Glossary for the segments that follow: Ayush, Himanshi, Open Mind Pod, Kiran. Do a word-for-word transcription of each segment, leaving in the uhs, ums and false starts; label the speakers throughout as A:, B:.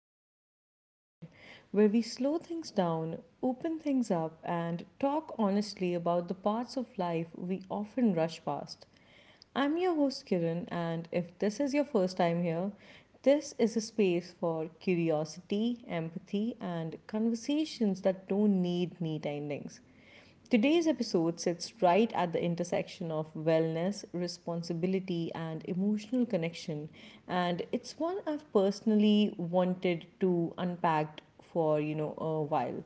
A: the Open Mind Pod, where we slow things down, open things up, and talk honestly about the parts of life we often rush past. I'm your host, Kiran, and if this is your first time here, this is a space for curiosity, empathy, and conversations that don't need neat endings. Today's episode sits right at the intersection of wellness, responsibility, and emotional connection. And it's one I've personally wanted to unpack for, you know, a while.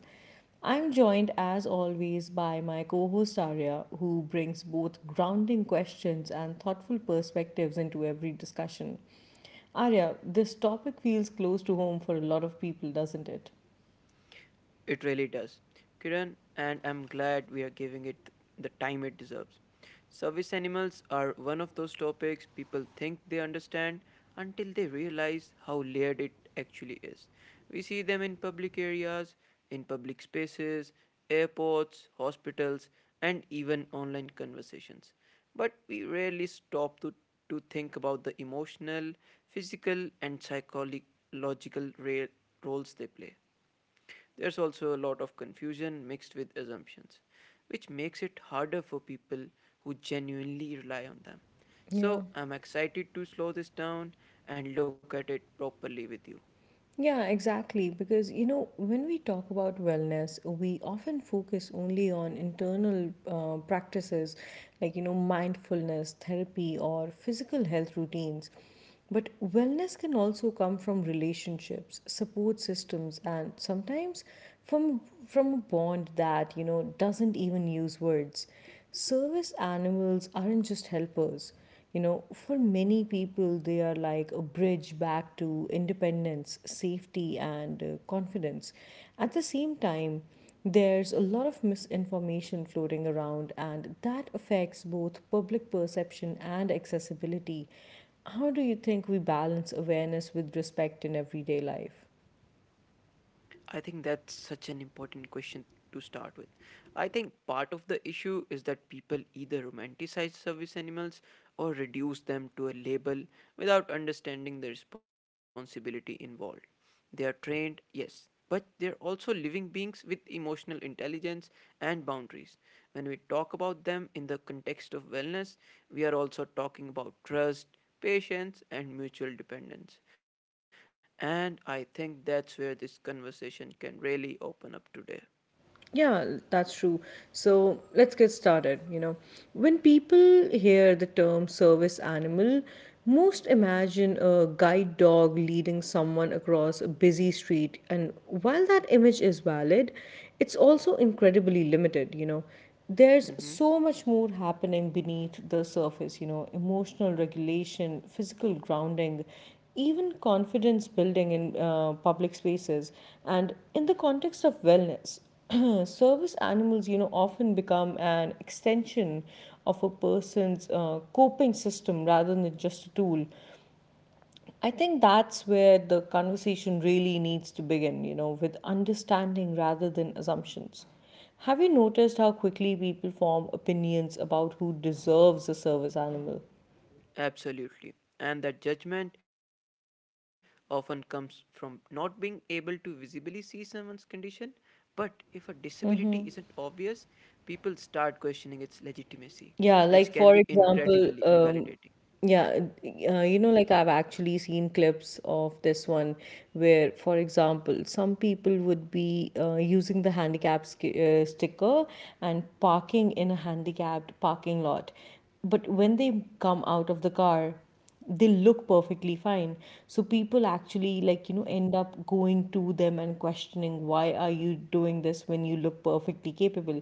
A: I'm joined as always by my co-host Arya, who brings both grounding questions and thoughtful perspectives into every discussion. Arya, this topic feels close to home for a lot of people, doesn't it?
B: It really does, Kiran, and I'm glad we are giving it the time it deserves. Service animals are one of those topics people think they understand until they realize how layered it actually is. We see them in public areas, in public spaces, airports, hospitals, and even online conversations. But we rarely stop to, to think about the emotional, physical, and psychological ra- roles they play. There's also a lot of confusion mixed with assumptions, which makes it harder for people who genuinely rely on them. So,
A: Yeah.
B: I'm excited to slow this down and look at it properly with you.
A: Yeah, exactly. Because, you know, when we talk about wellness, we often focus only on internal uh, practices like, you know, mindfulness, therapy, or physical health routines. But wellness can also come from relationships, support systems, and sometimes from from a bond that, you know, doesn't even use words. Service animals aren't just helpers. You know, for many people, they are like a bridge back to independence, safety, and uh, confidence. At the same time, there's a lot of misinformation floating around, and that affects both public perception and accessibility. How do you think we balance awareness with respect in everyday life?
B: I think that's such an important question to start with. I think part of the issue is that people either romanticize service animals or reduce them to a label without understanding the responsibility involved. They are trained, yes, but they're also living beings with emotional intelligence and boundaries. When we talk about them in the context of wellness, we are also talking about trust, patience, and mutual dependence. And I think that's where this conversation can really open up today.
A: Yeah, that's true. So let's get started. You know, when people hear the term service animal, most imagine a guide dog leading someone across a busy street. And while that image is valid, it's also incredibly limited. You know, there's
B: Hmm.
A: so much more happening beneath the surface, you know, emotional regulation, physical grounding, even confidence building in uh, public spaces, and in the context of wellness. Service animals, you know, often become an extension of a person's uh, coping system rather than just a tool. I think that's where the conversation really needs to begin, you know, with understanding rather than assumptions. Have you noticed how quickly people form opinions about who deserves a service animal?
B: Absolutely. And that judgment often comes from not being able to visibly see someone's condition. But if a disability isn't obvious, people start questioning its legitimacy, which can
A: Yeah,
B: be
A: like for
B: incredibly
A: example,
B: invalidating.
A: um, yeah, uh,
B: Yeah.
A: you know, like I've actually seen clips of this one where, for example, some people would be uh, using the handicap sk- uh, sticker and parking in a handicapped parking lot. But when they come out of the car, they look perfectly fine. So people actually, like, you know, end up going to them and questioning, why are you doing this when you look perfectly capable?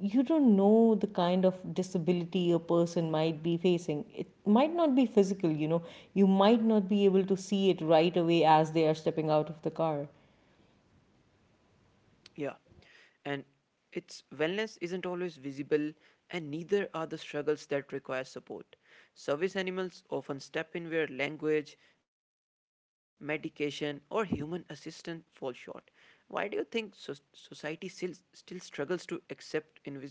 A: You don't know the kind of disability a person might be facing. It might not be physical, you know, you might not be able to see it right away as they are stepping out of the car.
B: Yeah. And its wellness isn't always visible, and neither are the struggles that require support. Service animals often step in where language, medication, or human assistance fall short. Why do you think so- society still, still struggles to accept invisible needs?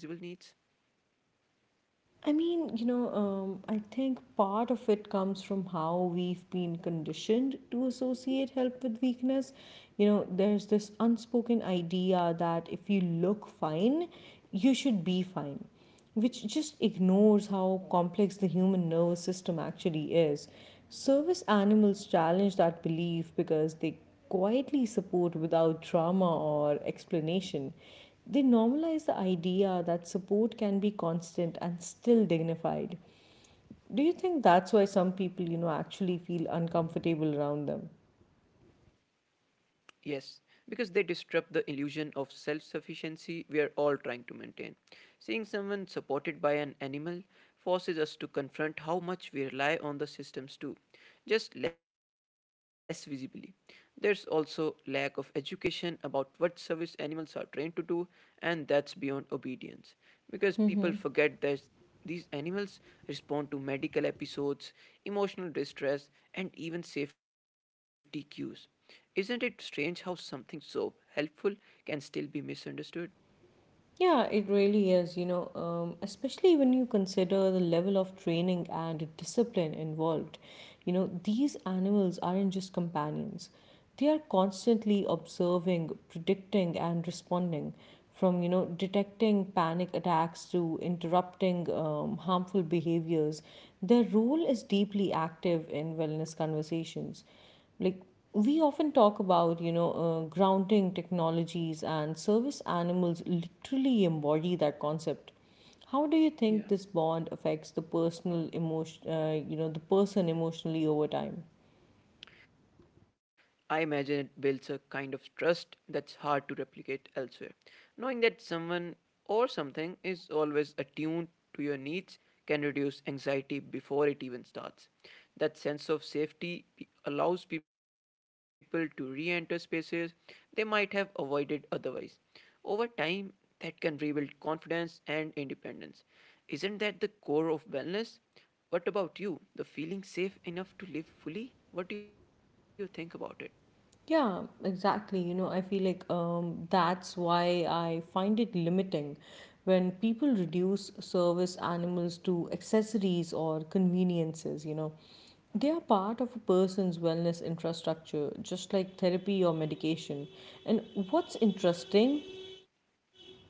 A: I mean, you know, um, I think part of it comes from how we've been conditioned to associate help with weakness. You know, there's this unspoken idea that if you look fine, you should be fine, which just ignores how complex the human nervous system actually is. Service animals challenge that belief because they quietly support without drama or explanation. They normalize the idea that support can be constant and still dignified. Do you think that's why some people, you know, actually feel uncomfortable around them?
B: Yes, because they disrupt the illusion of self sufficiency we are all trying to maintain. Seeing someone supported by an animal forces us to confront how much we rely on the systems too, just less visibly. There's also lack of education about what service animals are trained to do, and that's beyond obedience, because people forget that these animals respond to medical episodes, emotional distress, and even safety cues. Isn't it strange how something so helpful can still be misunderstood?
A: Yeah, it really is, you know, um, especially when you consider the level of training and discipline involved. You know, these animals aren't just companions, they are constantly observing, predicting, and responding from, you know, detecting panic attacks to interrupting um, harmful behaviors. Their role is deeply active in wellness conversations. Like, we often talk about, you know, uh, grounding technologies, and service animals literally embody that concept. How do you think
B: Yeah.
A: this bond affects the personal emotion uh, you know, the person emotionally over time?
B: I imagine it builds a kind of trust that's hard to replicate elsewhere. Knowing that someone or something is always attuned to your needs can reduce anxiety before it even starts. That sense of safety pe- allows people to re enter spaces they might have avoided otherwise. Over time, that can rebuild confidence and independence. Isn't that the core of wellness? What about you? The feeling safe enough to live fully? What do you think about it?
A: Yeah, exactly. You know, I feel like, um, that's why I find it limiting when people reduce service animals to accessories or conveniences, you know. They are part of a person's wellness infrastructure, just like therapy or medication. And what's interesting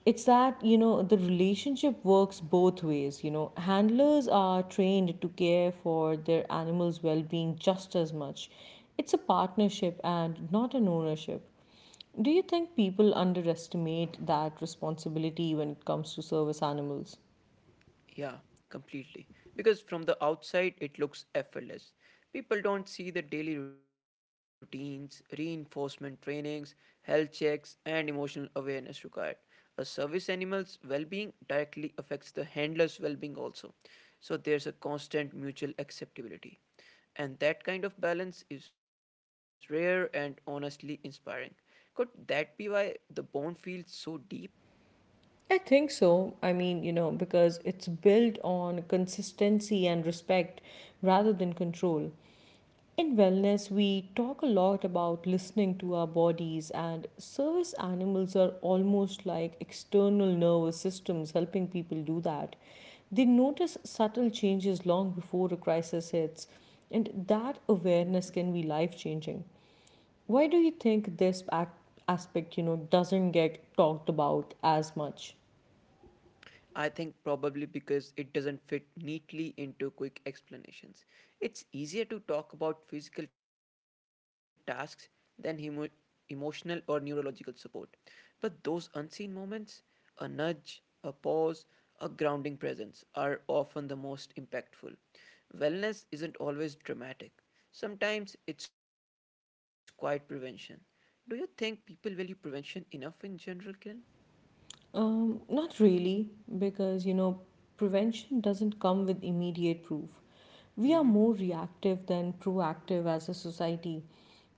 A: it's that, you know, the relationship works both ways. You know, handlers are trained to care for their animals' well being just as much. It's a partnership and not an ownership. Do you think people underestimate that responsibility when it comes to service animals?
B: Yeah, completely. Because from the outside, it looks effortless. People don't see the daily routines, reinforcement trainings, health checks, and emotional awareness required. A service animal's well being directly affects the handler's well being also. So there's a constant mutual acceptability. And that kind of balance is rare and honestly inspiring. Could that be why the bond feels so deep?
A: I think so. I mean, you know, because it's built on consistency and respect rather than control. In wellness, we talk a lot about listening to our bodies, and service animals are almost like external nervous systems helping people do that. They notice subtle changes long before a crisis hits, and that awareness can be life changing. Why do you think this ac- aspect, you know, doesn't get talked about as much?
B: I think probably because it doesn't fit neatly into quick explanations. It's easier to talk about physical tasks than emo- emotional or neurological support. But those unseen moments, a nudge, a pause, a grounding presence, are often the most impactful. Wellness isn't always dramatic, sometimes it's quiet prevention. Do you think people value prevention enough in general, Kiran?
A: Um, not really, because, you know, prevention doesn't come with immediate proof. We are more reactive than proactive as a society.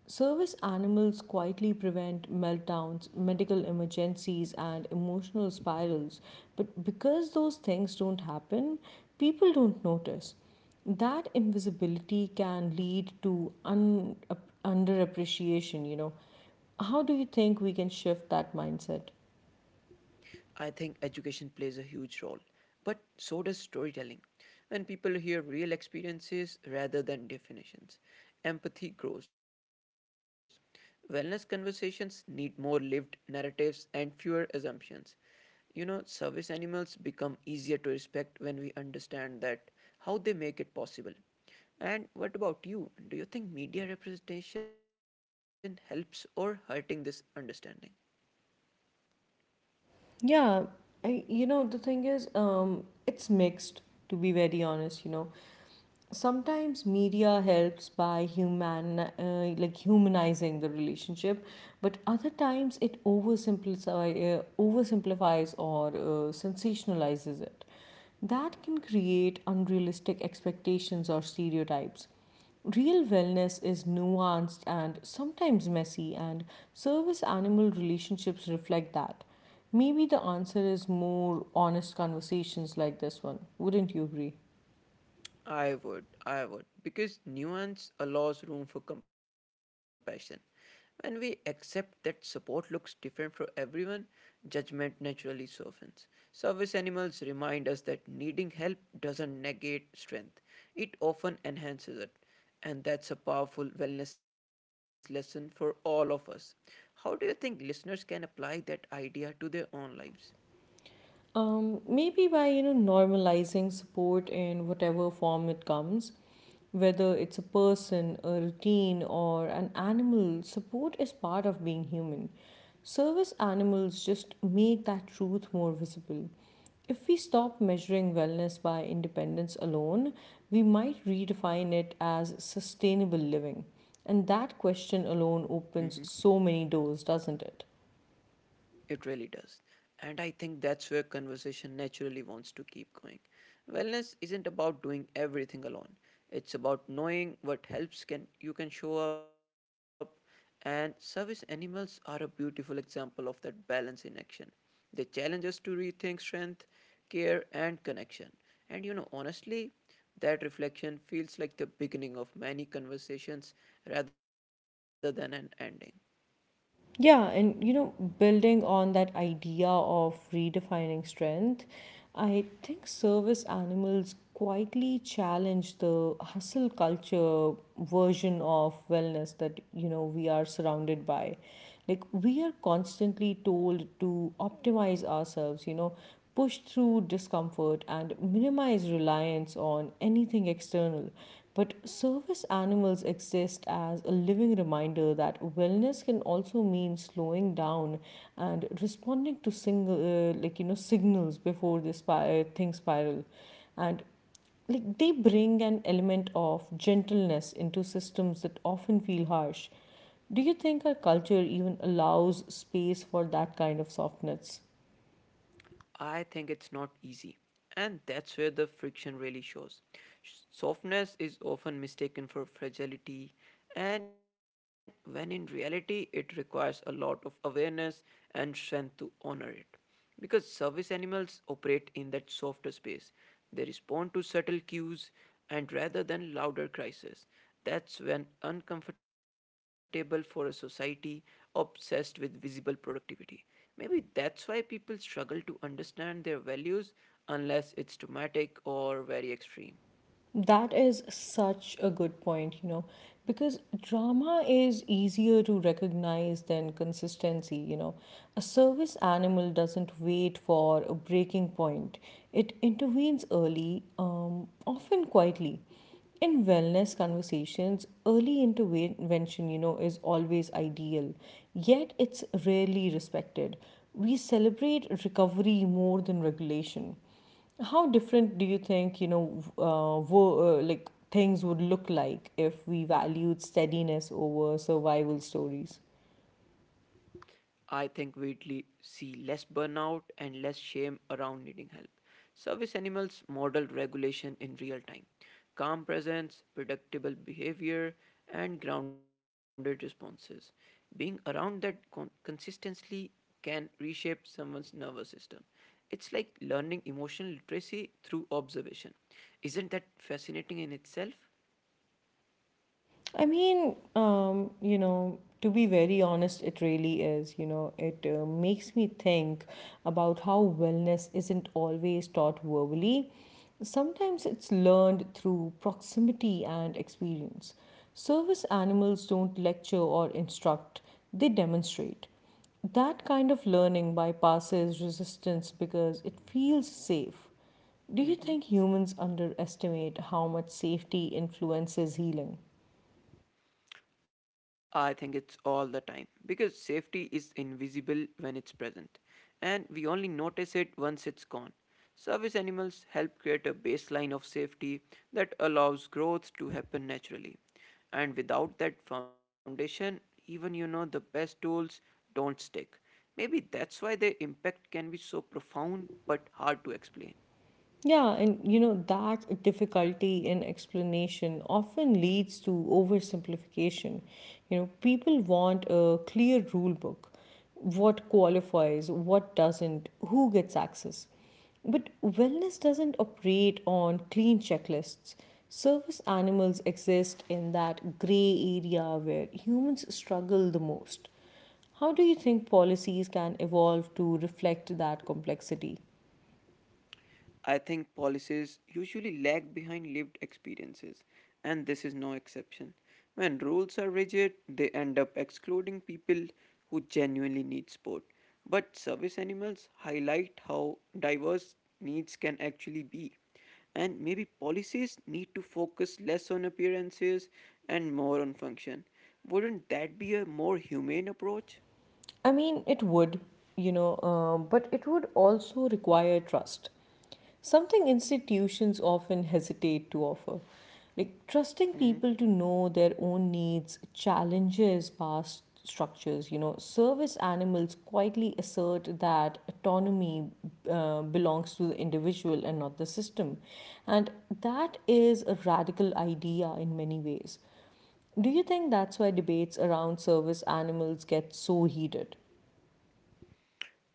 A: Service animals quietly prevent meltdowns, medical emergencies, and emotional spirals, but because those things don't happen, people don't notice. That invisibility can lead to un- underappreciation, you know. How do you think we can shift that mindset?
B: I think education plays a huge role, but so does storytelling. When people hear real experiences rather than definitions, empathy grows. Wellness conversations need more lived narratives and fewer assumptions. You know, service animals become easier to respect when we understand that how they make it possible. And what about you? Do you think media representation helps or hurting this understanding?
A: Yeah, I, you know, the thing is, um, it's mixed, to be very honest, you know. Sometimes media helps by human, uh, like humanizing the relationship, but other times it oversimplifies, uh, oversimplifies or uh, sensationalizes it. That can create unrealistic expectations or stereotypes. Real wellness is nuanced and sometimes messy, and service animal relationships reflect that. Maybe the answer is more honest conversations like this one. Wouldn't you agree?
B: I would, I would, because nuance allows room for compassion. When we accept that support looks different for everyone, judgment naturally softens. Service animals remind us that needing help doesn't negate strength, it often enhances it. And that's a powerful wellness lesson for all of us. How do you think listeners can apply that idea to their own lives?
A: Um, maybe by, you know, normalizing support in whatever form it comes, whether it's a person, a routine, or an animal, support is part of being human. Service animals just make that truth more visible. If we stop measuring wellness by independence alone, we might redefine it as sustainable living. And that question alone opens so many doors, doesn't it?
B: It really does. And I think that's where conversation naturally wants to keep going. Wellness isn't about doing everything alone. It's about knowing what helps can you can show up, and service animals are a beautiful example of that balance in action. They challenge us to rethink strength, care and connection. And you know honestly that reflection feels like the beginning of many conversations rather than an ending.
A: Yeah, and you know, building on that idea of redefining strength, I think service animals quietly challenge the hustle culture version of wellness that, you know, we are surrounded by. Like, we are constantly told to optimize ourselves, you know, push through discomfort, and minimize reliance on anything external. But service animals exist as a living reminder that wellness can also mean slowing down and responding to single, uh, like you know, signals before this spir- things spiral, and like they bring an element of gentleness into systems that often feel harsh. Do you think our culture even allows space for that kind of softness?
B: I think it's not easy. And that's where the friction really shows. Softness is often mistaken for fragility, and when in reality, it requires a lot of awareness and strength to honor it. Because service animals operate in that softer space, they respond to subtle cues and rather than louder cries. That's when uncomfortable for a society obsessed with visible productivity. Maybe that's why people struggle to understand their values unless it's traumatic or very extreme.
A: That is such a good point, you know, because drama is easier to recognize than consistency, you know. A service animal doesn't wait for a breaking point, it intervenes early, um, often quietly. In wellness conversations, early intervention, you know, is always ideal, yet it's rarely respected. We celebrate recovery more than regulation. How different do you think, you know, uh, wo- uh, like things would look like if we valued
B: Mm-hmm.
A: steadiness over survival stories?
B: I think we'd le- see less burnout and less shame around needing help. Service animals model regulation in real time, calm presence, predictable behavior, and grounded responses. Being around that con- consistently can reshape someone's nervous system. It's like learning emotional literacy through observation. Isn't that fascinating in itself?
A: I mean, um, you know, to be very honest, it really is. You know, it uh, makes me think about how wellness isn't always taught verbally. Sometimes it's learned through proximity and experience. Service animals don't lecture or instruct, they demonstrate. That kind of learning bypasses resistance because it feels safe. Do you think humans
B: Mhm.
A: underestimate how much safety influences healing?
B: I think it's all the time because safety is invisible when it's present and we only notice it once it's gone. Service animals help create a baseline of safety that allows growth to happen naturally. And without that foundation, even you know the best tools don't stick. Maybe that's why their impact can be so profound but hard to explain.
A: Yeah, and you know that difficulty in explanation often leads to oversimplification. You know, people want a clear rule book, what qualifies, what doesn't, who gets access. But wellness doesn't operate on clean checklists. Service animals exist in that gray area where humans struggle the most. How do you think policies can evolve to reflect that complexity?
B: I think policies usually lag behind lived experiences, and this is no exception. When rules are rigid, they end up excluding people who genuinely need support. But service animals highlight how diverse needs can actually be. And maybe policies need to focus less on appearances and more on function. Wouldn't that be a more humane approach?
A: I mean, it would, you know, um, but it would also require trust. Something institutions often hesitate to offer. Like trusting
B: Mm-hmm.
A: people to know their own needs challenges past structures. You know, service animals quietly assert that autonomy uh, belongs to the individual and not the system. And that is a radical idea in many ways. Do you think that's why debates around service animals get so heated?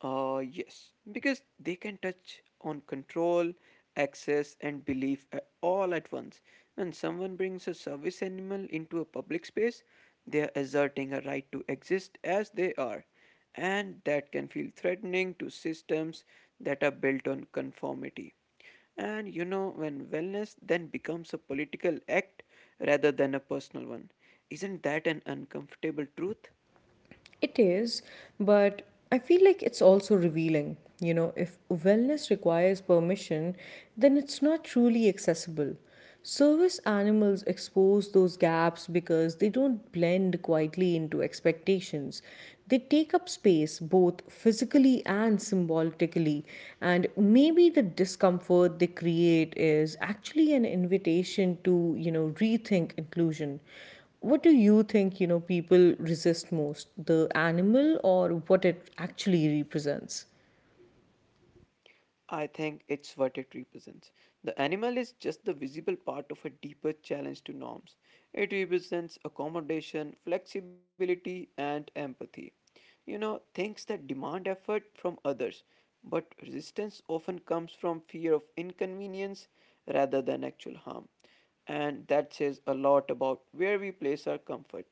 B: Uh, yes, because they can touch on control, access, and belief a- all at once. When someone brings a service animal into a public space, they are asserting a right to exist as they are, and that can feel threatening to systems that are built on conformity. And you know, when wellness then becomes a political act rather than a personal one, isn't that an uncomfortable truth?
A: It is, but I feel like it's also revealing. You know, if wellness requires permission, then it's not truly accessible. Service animals expose those gaps because they don't blend quietly into expectations. They take up space both physically and symbolically, and maybe the discomfort they create is actually an invitation to, you know, rethink inclusion. What do you think, you know, people resist most? The animal or what it actually represents?
B: I think it's what it represents. The animal is just the visible part of a deeper challenge to norms. It represents accommodation, flexibility, and empathy. You know, things that demand effort from others, but resistance often comes from fear of inconvenience rather than actual harm. And that says a lot about where we place our comfort.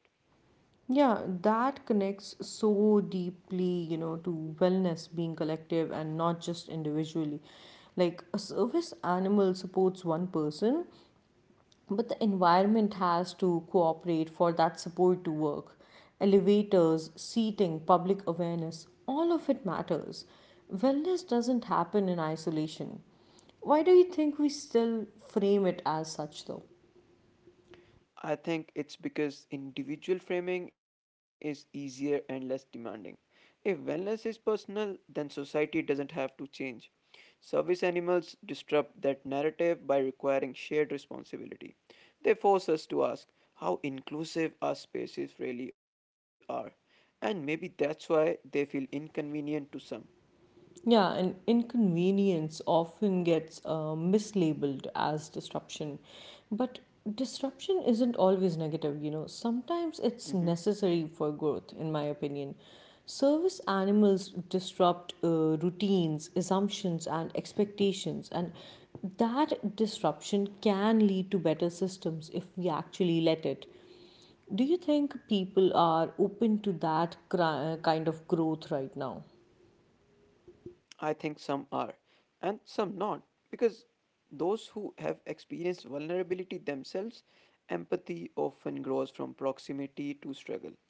A: Yeah, that connects so deeply, you know, to wellness being collective and not just individually. Like a service animal supports one person, but the environment has to cooperate for that support to work. Elevators, seating, public awareness, all of it matters. Wellness doesn't happen in isolation. Why do you think we still frame it as such, though?
B: I think it's because individual framing is easier and less demanding. If wellness is personal, then society doesn't have to change. Service animals disrupt that narrative by requiring shared responsibility. They force us to ask how inclusive our spaces really are. And maybe that's why they feel inconvenient to some.
A: Yeah, and inconvenience often gets uh, mislabeled as disruption. But disruption isn't always negative, you know. Sometimes it's
B: Mhm.
A: necessary for growth, in my opinion. Service animals disrupt uh, routines, assumptions, and expectations, and that disruption can lead to better systems if we actually let it. Do you think people are open to that cri- kind of growth right now?
B: I think some are, and some not, because those who have experienced vulnerability themselves, empathy often grows from proximity to struggle,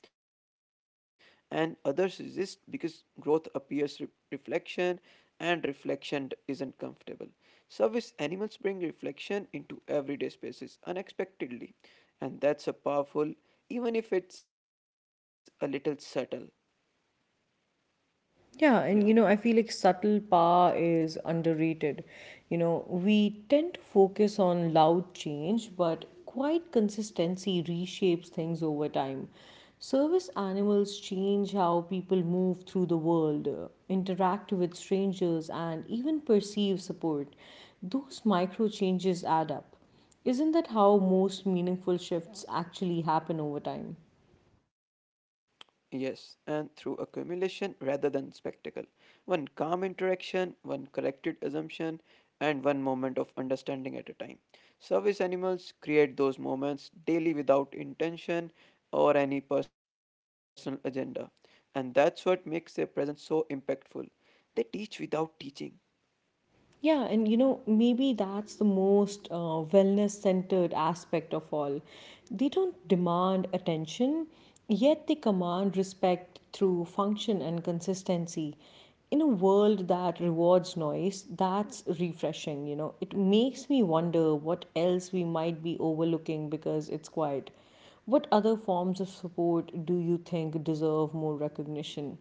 B: and others resist because growth appears re- reflection, and reflection d- isn't comfortable. Service animals bring reflection into everyday spaces unexpectedly, and that's a powerful, even if it's a little subtle. Yeah.
A: Yeah, and you know, I feel like subtle power is underrated. You know, we tend to focus on loud change, but quiet consistency reshapes things over time. Service animals change how people move through the world, uh, interact with strangers, and even perceive support. Those micro changes add up. Isn't that how most meaningful shifts actually happen over time?
B: Yes, and through accumulation rather than spectacle. One calm interaction, one corrected assumption, and one moment of understanding at a time. Service animals create those moments daily without intention or any personal agenda, and that's what makes their presence so impactful. They teach without teaching.
A: Yeah, and you know, maybe that's the most uh, wellness centered aspect of all. They don't demand attention, yet they command respect through function and consistency. In a world that rewards noise, that's refreshing, you know. It makes me wonder what else we might be overlooking because it's quiet. What other forms of support do you think deserve more recognition?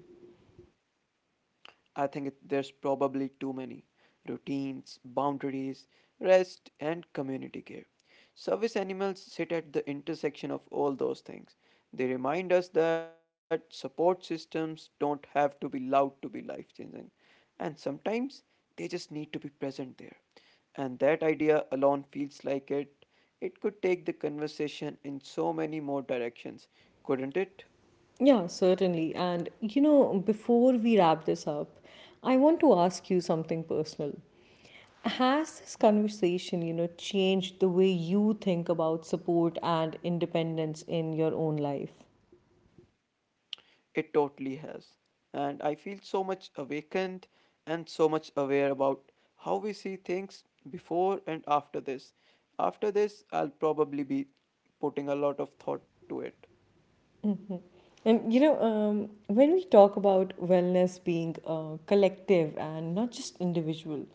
B: I think it, there's probably too many routines, boundaries, rest, and community care. Service animals sit at the intersection of all those things. They remind us that support systems don't have to be loud to be life changing, and sometimes they just need to be present there. And that idea alone feels like it. It could take the conversation in so many more directions, couldn't it?
A: Yeah, certainly. And you know, before we wrap this up, I want to ask you something personal. Has this
B: Yeah.
A: conversation, you know, changed the way you think about support and independence in your own life?
B: It totally has. And I feel so much awakened and so much aware about how we see things before and after this. After this, I'll probably be putting a lot of thought to it.
A: And you know, um, when we talk about wellness being uh, collective and not just individual,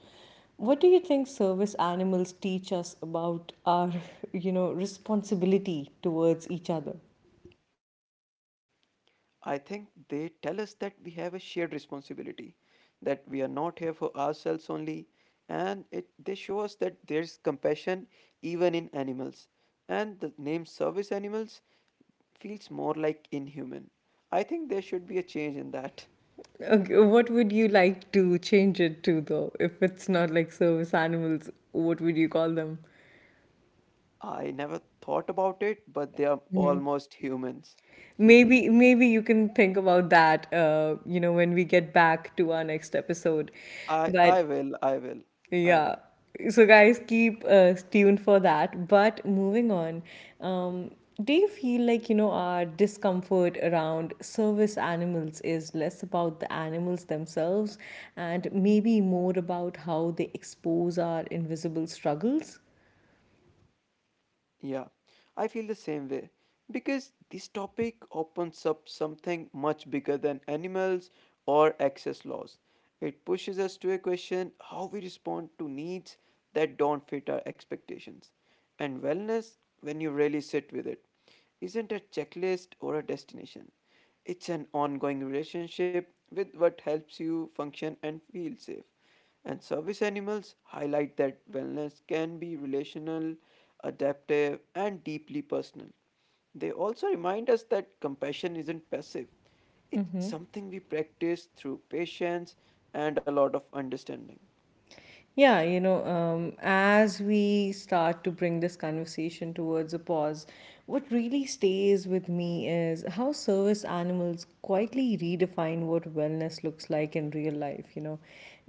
A: what do you think service animals teach us about our, you know, responsibility towards each other?
B: I think they tell us that we have a shared responsibility, that we are not here for ourselves only, and it they show us that there's compassion even in animals, and the name service animals feels more like inhuman. I think there should be a change in that.
A: Okay, what would you like to change it to though? If it's not like service animals, what would you call them?
B: I never thought about it, but they are almost humans.
A: Maybe maybe you can think about that uh, you know, when we get back to our next episode.
B: I I
A: But
B: will, I will, I will.
A: yeah. So, guys, keep uh, tuned for that. But moving on, um, do you feel like, you know, our discomfort around service animals is less about the animals themselves and maybe more about how they expose our invisible struggles?
B: Yeah, I feel the same way because this topic opens up something much bigger than animals or access laws. It pushes us to a question how we respond to needs that don't fit our expectations. And wellness, when you really sit with it, isn't a checklist or a destination. It's an ongoing relationship with what helps you function and feel safe. And service animals highlight that wellness can be relational, adaptive, and deeply personal. They also remind us that compassion isn't passive, it's something we practice through patience and a lot of understanding.
A: Yeah, you know, um, as we start to bring this conversation towards a pause, what really stays with me is how service animals quietly redefine what wellness looks like in real life. You know,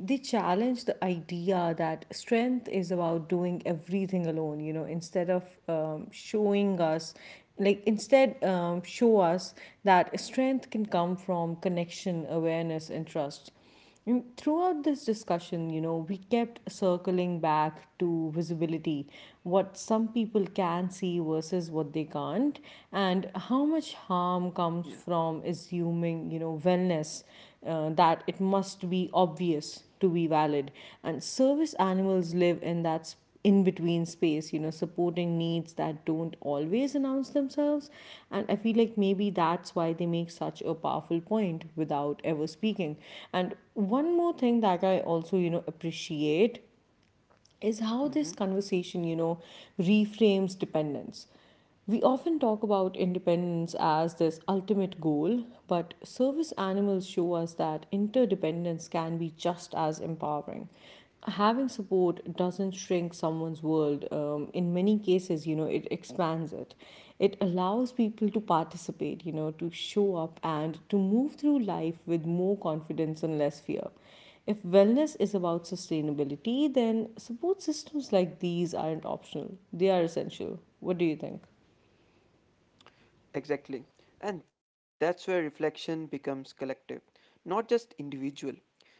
A: they challenge the idea that strength is about doing everything alone, you know, instead of um, showing us like instead um, show us that strength can come from connection awareness and trust, and throughout this discussion, you know, we kept circling back to visibility, what some people can see versus what they can't, and how much harm comes from assuming, you know, wellness uh, that it must be obvious to be valid. And service animals live in that space in between space, you know, supporting needs that don't always announce themselves, and I feel like maybe that's why they make such a powerful point without ever speaking. And one more thing that I also, you know, appreciate is how this
B: Yeah.
A: conversation, you know, reframes dependence. We often talk about independence as this ultimate goal, but service animals show us that interdependence can be just as empowering. Having support doesn't shrink someone's world. Um, in many cases, you know, it expands it. It allows people to participate, you know, to show up and to move through life with more confidence and less fear. If wellness is about sustainability, then support systems like these aren't optional, they are essential. What do you think?
B: Exactly. And that's where reflection becomes collective, not just individual.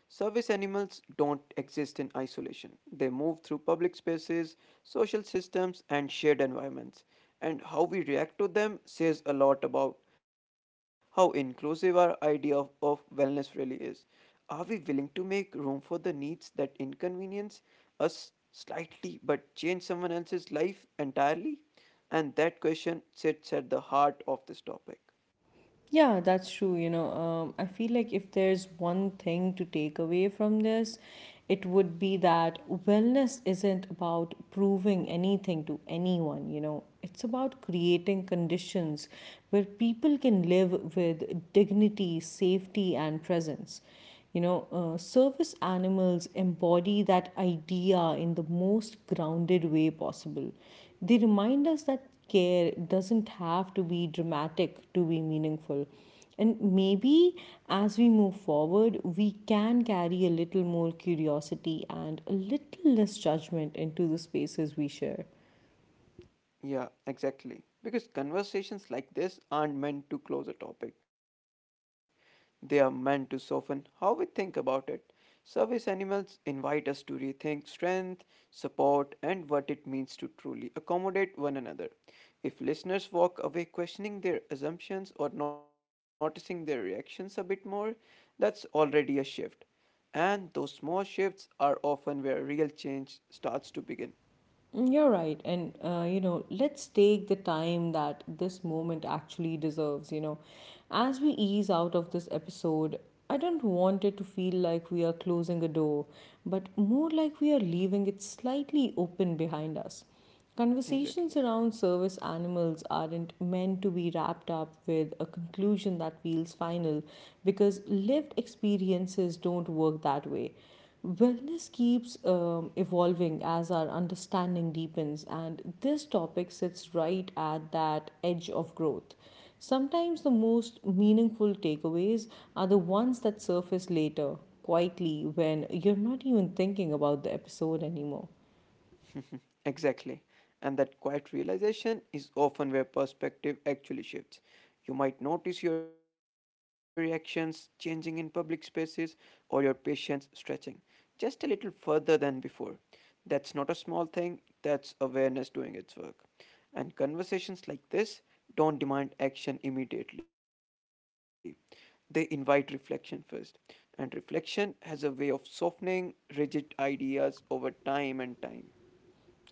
B: Service animals don't exist in isolation. They move through public spaces, social systems, and shared environments. And how we react to them says a lot about how inclusive our idea of, of wellness really is. Are we willing to make room for the needs that inconvenience us slightly but change someone else's life entirely? And that question sits at the heart of this topic.
A: Yeah, that's true. You know, um, I feel like if there's one thing to take away from this, it would be that wellness isn't about proving anything to anyone, you know, it's about creating conditions where people can live with dignity, safety, and presence. You know, uh, service animals embody that idea in the most grounded way possible. They remind us that care doesn't have to be dramatic to be meaningful. And maybe as we move forward, we can carry a little more curiosity and a little less judgment into the spaces we share.
B: Yeah, exactly. Because conversations like this aren't meant to close a topic, they are meant to soften how we think about it. Service animals invite us to rethink strength, support, and what it means to truly accommodate one another. If listeners walk away questioning their assumptions or noticing their reactions a bit more, that's already a shift. And those small shifts are often where real change starts to begin.
A: Mm, you're right. And, uh, you know, let's take the time that this moment actually deserves. You know, as we ease out of this episode, I don't want it to feel like we are closing a door, but more like we are leaving it slightly open behind us. Conversations
B: Exactly.
A: around service animals aren't meant to be wrapped up with a conclusion that feels final because lived experiences don't work that way. Wellness keeps um, evolving as our understanding deepens, and this topic sits right at that edge of growth. Sometimes the most meaningful takeaways are the ones that surface later, quietly, when you're not even thinking about the episode anymore.
B: Exactly. And that quiet realization is often where perspective actually shifts. You might notice your reactions changing in public spaces or your patience stretching just a little further than before. That's not a small thing, that's awareness doing its work. And conversations like this don't demand action immediately, they invite reflection first. And reflection has a way of softening rigid ideas over time and time.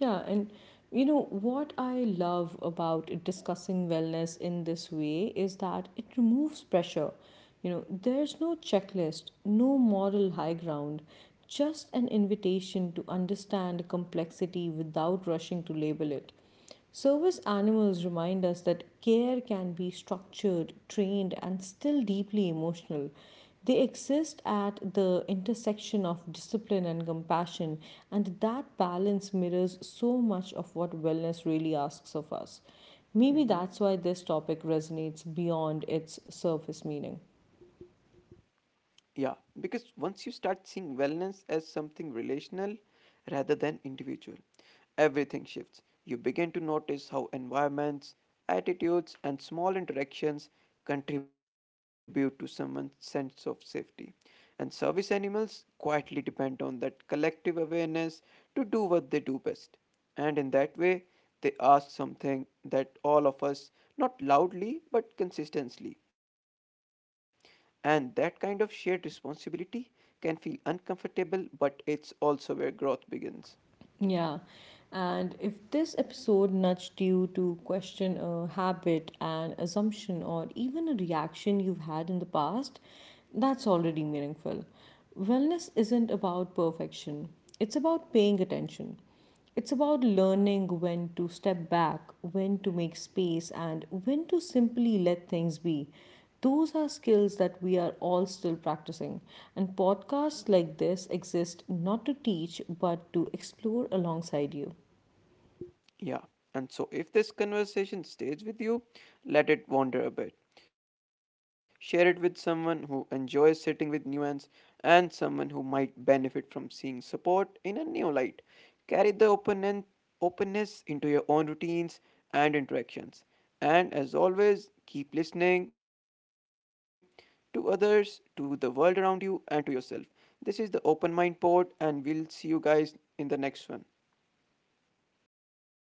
A: Yeah, and you know what I love about discussing wellness in this way is that it removes pressure. You know, there's no checklist, no moral high ground, just an invitation to understand complexity without rushing to label it. Service animals remind us that care can be structured, trained, and still deeply emotional. They exist at the intersection of discipline and compassion, and that balance mirrors so much of what wellness really asks of us. Maybe
B: Mhm.
A: that's why this topic resonates beyond its surface meaning.
B: Yeah, because once you start seeing wellness as something relational rather than individual, everything shifts. You begin to notice how environments, attitudes, and small interactions contribute to someone's sense of safety. And service animals quietly depend on that collective awareness to do what they do best. And in that way, they ask something that all of us, not loudly but consistently. And that kind of shared responsibility can feel uncomfortable, but it's also where growth begins.
A: Yeah. And if this episode nudged you to question a habit, an assumption, or even a reaction you've had in the past, that's already meaningful. Wellness isn't about perfection, it's about paying attention. It's about learning when to step back, when to make space, and when to simply let things be. Those are skills that we are all still practicing. And podcasts like this exist not to teach, but to explore alongside you.
B: Yeah. And so, if this conversation stays with you, let it wander a bit. Share it with someone who enjoys sitting with nuance and someone who might benefit from seeing support in a new light. Carry the openen- openness into your own routines and interactions. And as always, keep listening to others, to the world around you, and to yourself. This is the Open Mind Pod, and we'll see you guys in the next one.